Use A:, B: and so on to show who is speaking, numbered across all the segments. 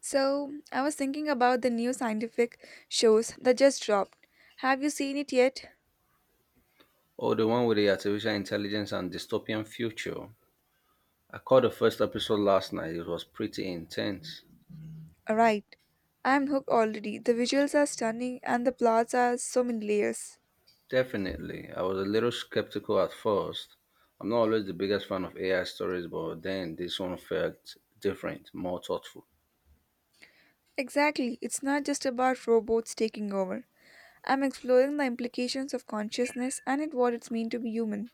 A: So, I was thinking about the new scientific shows that just dropped. Have you seen it yet?
B: Oh, the one with the artificial intelligence and dystopian future. I caught the first episode last night. It was pretty intense.
A: Right. I'm hooked already. The visuals are stunning and the plots are so many layers.
B: Definitely. I was a little skeptical at first. I'm not always the biggest fan of AI stories, but then this one felt different, more thoughtful.
A: Exactly. It's not just about robots taking over. I'm exploring the implications of consciousness and it what it's mean to be human.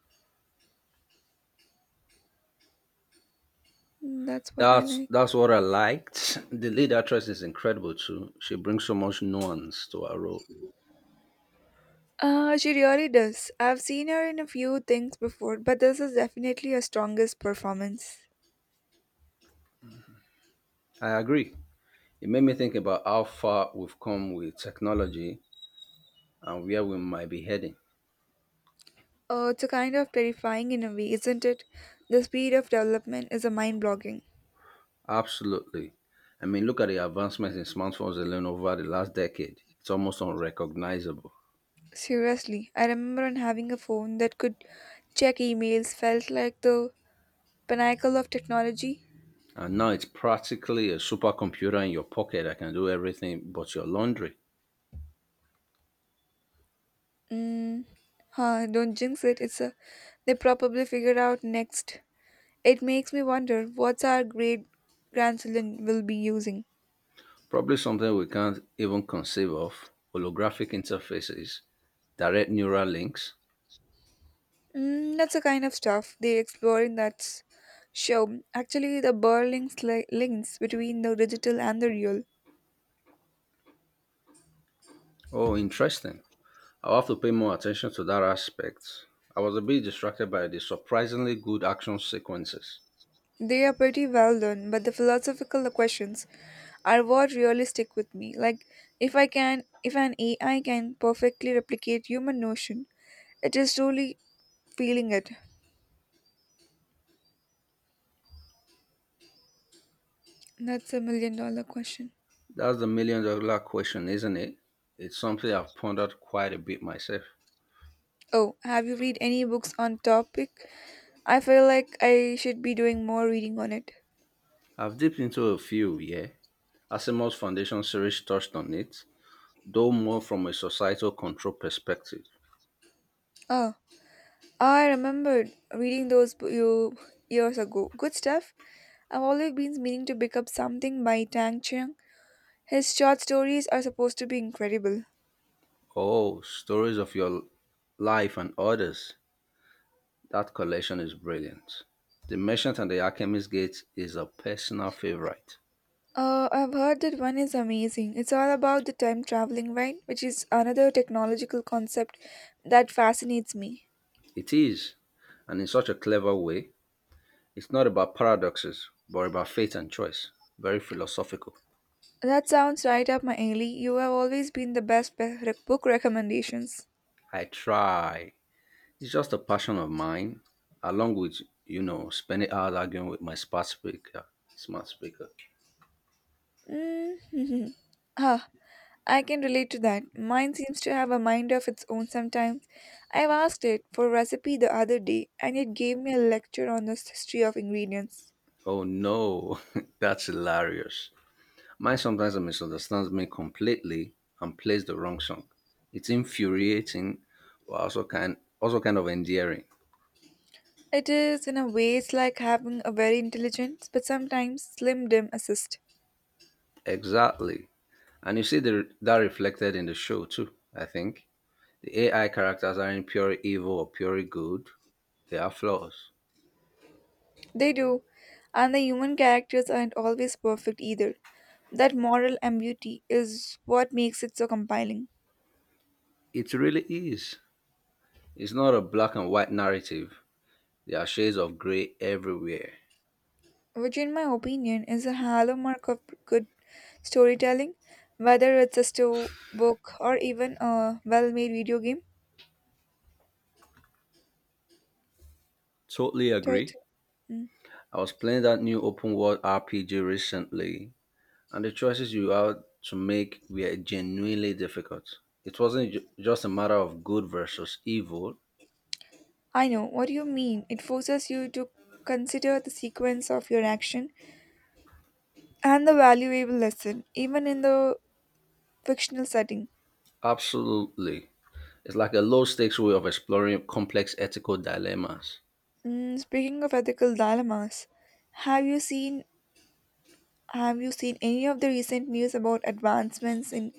A: That's what I
B: That's
A: like.
B: that's what I liked. The lead actress is incredible too. She brings so much nuance to her role.
A: She really does. I've seen her in a few things before, but this is definitely her strongest performance.
B: I agree. It made me think about how far we've come with technology and where we might be heading.
A: It's a kind of terrifying in a way, isn't it? The speed of development is a mind blogging.
B: Absolutely. I mean, look at the advancements in smartphones alone over the last decade. It's almost unrecognizable.
A: Seriously, I remember on having a phone that could check emails felt like the pinnacle of technology.
B: And now it's practically a supercomputer in your pocket that can do everything but your laundry.
A: Mm, huh, don't jinx it. It's a they probably figured out next. It makes me wonder what's our great grandchildren will be using.
B: Probably something we can't even conceive of, holographic interfaces, direct neural links.
A: That's the kind of stuff they explore in show. Actually, the links between the digital and the real.
B: Oh, interesting. I'll have to pay more attention to that aspect. I was a bit distracted by the surprisingly good action sequences.
A: They are pretty well done, but the philosophical questions are what really stick with me. Like if an AI can perfectly replicate human notion, it is truly feeling it. That's a million dollar question.
B: That's the million-dollar question, isn't it? It's something I've pondered quite a bit myself.
A: Oh, have you read any books on topic? I feel like I should be doing more reading on it.
B: I've dipped into a few, yeah. Asimov's Foundation series touched on it, though more from a societal control perspective.
A: Oh, I remembered reading those bo- you years ago. Good stuff. I've always been meaning to pick up something by Tang Chiang. His short stories are supposed to be incredible.
B: Oh, Stories of Your Life and Others. That collection is brilliant. The Merchant and the Alchemist Gate is a personal favorite.
A: I've heard that one is amazing. It's all about the time traveling, right? Which is another technological concept that fascinates me.
B: It is, and in such a clever way. It's not about paradoxes, but about faith and choice. Very philosophical.
A: That sounds right up my alley. You have always been the best book recommendations.
B: I try. It's just a passion of mine, along with spending hours arguing with my smart speaker. Smart speaker.
A: Mm-hmm. Ah, I can relate to that. Mine seems to have a mind of its own sometimes. I've asked it for a recipe the other day, and it gave me a lecture on the history of ingredients.
B: Oh no, that's hilarious. Mine sometimes misunderstands me completely and plays the wrong song. It's infuriating, but also kind of endearing.
A: It is, in a way, it's like having a very intelligent but sometimes slim dim assist.
B: Exactly, and you see that reflected in the show too. I think the AI characters aren't pure evil or pure good; they are flaws.
A: They do, and the human characters aren't always perfect either. That moral ambiguity is what makes it so compelling,
B: It really is. It's not a black and white narrative. There are shades of gray everywhere.
A: which, in my opinion, is a hallmark of good storytelling, whether it's a book or even a well made video game.
B: Totally agree.
A: Tot- Mm.
B: I was playing that new open world RPG recently, and the choices you had to make were genuinely difficult. It wasn't just a matter of good versus evil.
A: I know what you mean. It forces you to consider the sequence of your action and the valuable lesson, even in the fictional setting.
B: Absolutely. It's like a low stakes way of exploring complex ethical dilemmas.
A: Speaking of ethical dilemmas, have you seen have you seen any of the recent news about advancements in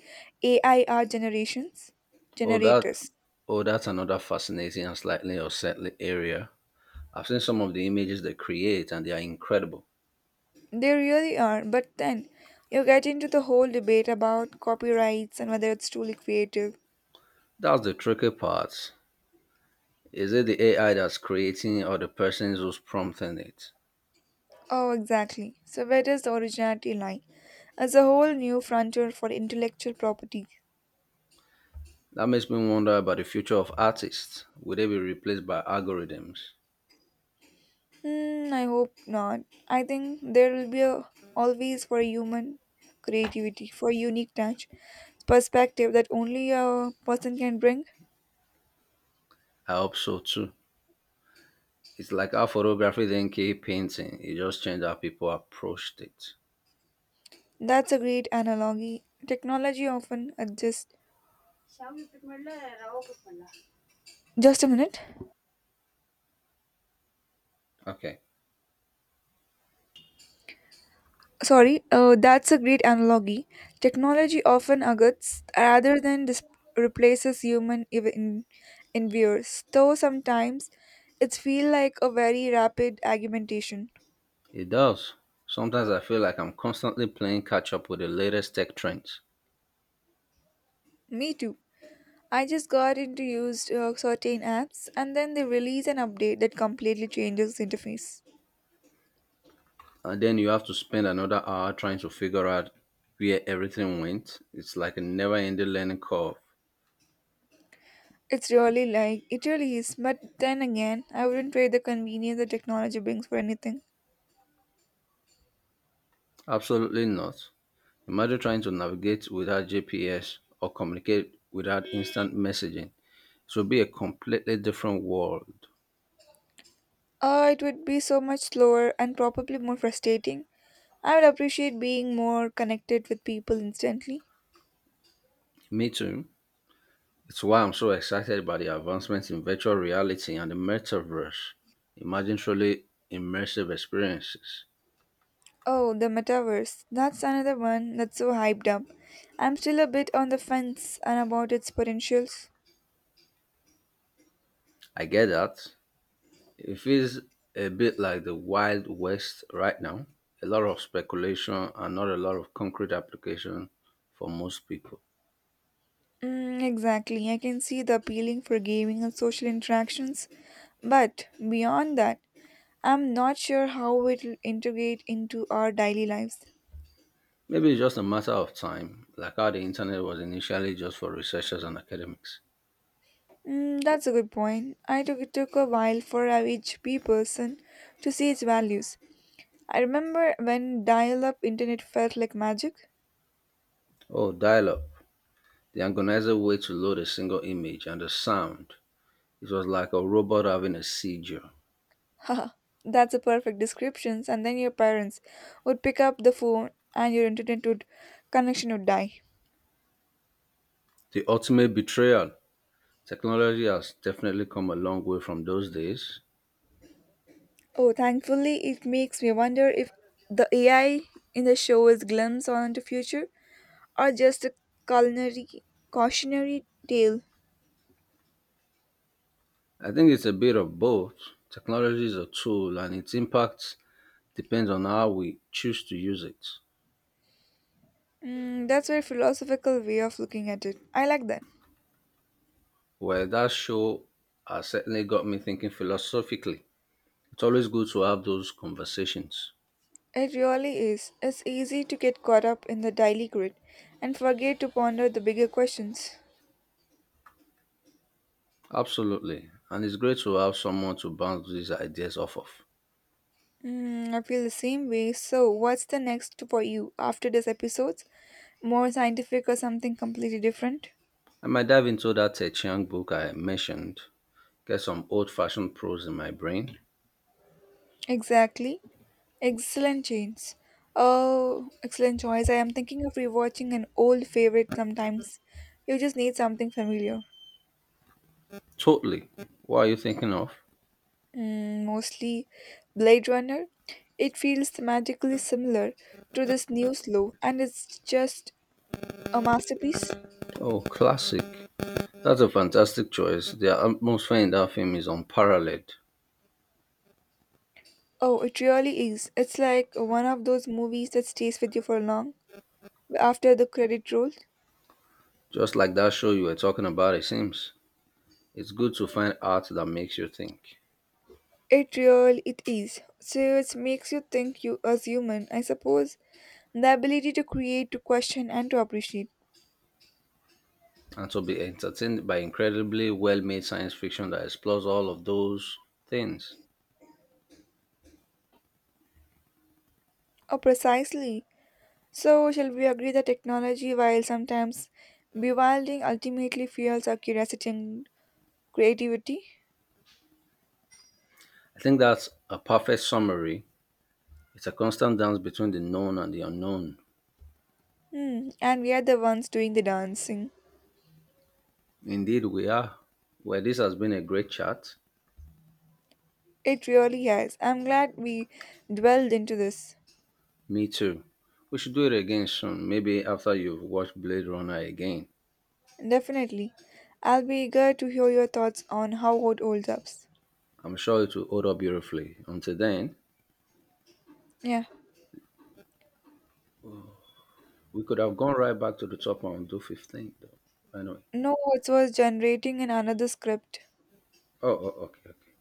A: AI art generations
B: Oh, that,
A: generators?
B: oh, that's another fascinating and slightly unsettling area. I've seen some of the images they create, and they are incredible.
A: They really are, but then you get into the whole debate about copyrights and whether it's truly creative.
B: That's the tricky part. Is it the AI that's creating or the person who's prompting it?
A: Oh, exactly. So where does the originality lie? As a whole new frontier for intellectual property.
B: That makes me wonder about the future of artists. Will they be replaced by algorithms?
A: Hmm, I hope not. I think there will be a always for human creativity, for unique touch, perspective that only a person can bring.
B: I hope so too. It's like how photography then came painting. It just changed how people approached it.
A: That's a great analogy. Technology often adjusts. Just a minute.
B: Okay.
A: Sorry. That's a great analogy. Technology often adjusts rather than replaces human in viewers. Though sometimes it's feel like a very rapid augmentation.
B: It does. Sometimes I feel like I'm constantly playing catch up with the latest tech trends.
A: Me too. I just got into used certain apps and then they release an update that completely changes the interface.
B: And then you have to spend another hour trying to figure out where everything went. It's like a never ending learning curve.
A: It's really like, it really is, but then again, I wouldn't trade the convenience the technology brings for anything.
B: Absolutely not. Imagine trying to navigate without GPS or communicate without instant messaging. It will be a completely different world.
A: It would be so much slower and probably more frustrating. I would appreciate being more connected with people instantly.
B: Me too. It's why I'm so excited by the advancements in virtual reality and the metaverse. Imagine truly immersive experiences.
A: Oh, the metaverse. That's another one that's so hyped up. I'm still a bit on the fence and about its potentials.
B: I get that. It feels a bit like the Wild West right now. A lot of speculation and not a lot of concrete application for most people.
A: Exactly. I can see the appealing for gaming and social interactions, but beyond that, I'm not sure how it'll integrate into our daily lives.
B: Maybe it's just a matter of time, like how the internet was initially just for researchers and academics.
A: That's a good point. I took It took a while for each P person to see its values. I remember when dial-up internet felt like magic.
B: Oh, dial up. The agonizing way to load a single image and the sound. It was like a robot having a seizure.
A: Haha, that's a perfect description. And then your parents would pick up the phone, and your internet would connection would die.
B: The ultimate betrayal. Technology has definitely come a long way from those days.
A: Oh, thankfully, it makes me wonder if the AI in the show is glimpse on the future or just a culinary cautionary tale.
B: I think it's a bit of both. Technology is a tool, and its impact depends on how we choose to use it.
A: That's very philosophical way of looking at it. I like that.
B: Well, that show has certainly got me thinking philosophically. It's always good to have those conversations.
A: It really is. It's easy to get caught up in the daily grid and forget to ponder the bigger questions.
B: Absolutely. And it's great to have someone to bounce these ideas off of.
A: I feel the same way. So, what's the next for you after this episode? More scientific or something completely different?
B: I might dive into that Ted Chiang book I mentioned, get some old fashioned prose in my brain.
A: Exactly. Excellent choice. Oh, excellent choice. I am thinking of rewatching an old favorite sometimes. You just need something familiar.
B: Totally. What are you thinking of?
A: Mostly Blade Runner. It feels thematically similar to this new slow, and it's just a masterpiece.
B: Oh, classic. That's a fantastic choice. The atmosphere in that film is unparalleled.
A: Oh, it really is. It's like one of those movies that stays with you for long after the credit roll.
B: Just like that show you were talking about, it seems. It's good to find art that makes you think.
A: It really it is. So it makes you think you as human, I suppose. The ability to create, to question and to appreciate.
B: And to be entertained by incredibly well made science fiction that explores all of those things.
A: Oh precisely. So shall we agree that technology, while sometimes bewildering, ultimately fuels our curiosity and creativity?
B: I think that's a perfect summary. It's a constant dance between the known and the unknown.
A: Hmm, and we are the ones doing the dancing.
B: Indeed, we are. Well, this has been a great chat.
A: It really has. I'm glad we dwelled into this.
B: Me too. We should do it again soon, maybe after you've watched Blade Runner again.
A: Definitely. I'll be eager to hear your thoughts on how it holds up.
B: I'm sure it will hold up beautifully. Until then,
A: Yeah.
B: we could have gone right back to the top and do 15. Though. Anyway.
A: No, it was generating in another script.
B: Oh, okay. Okay.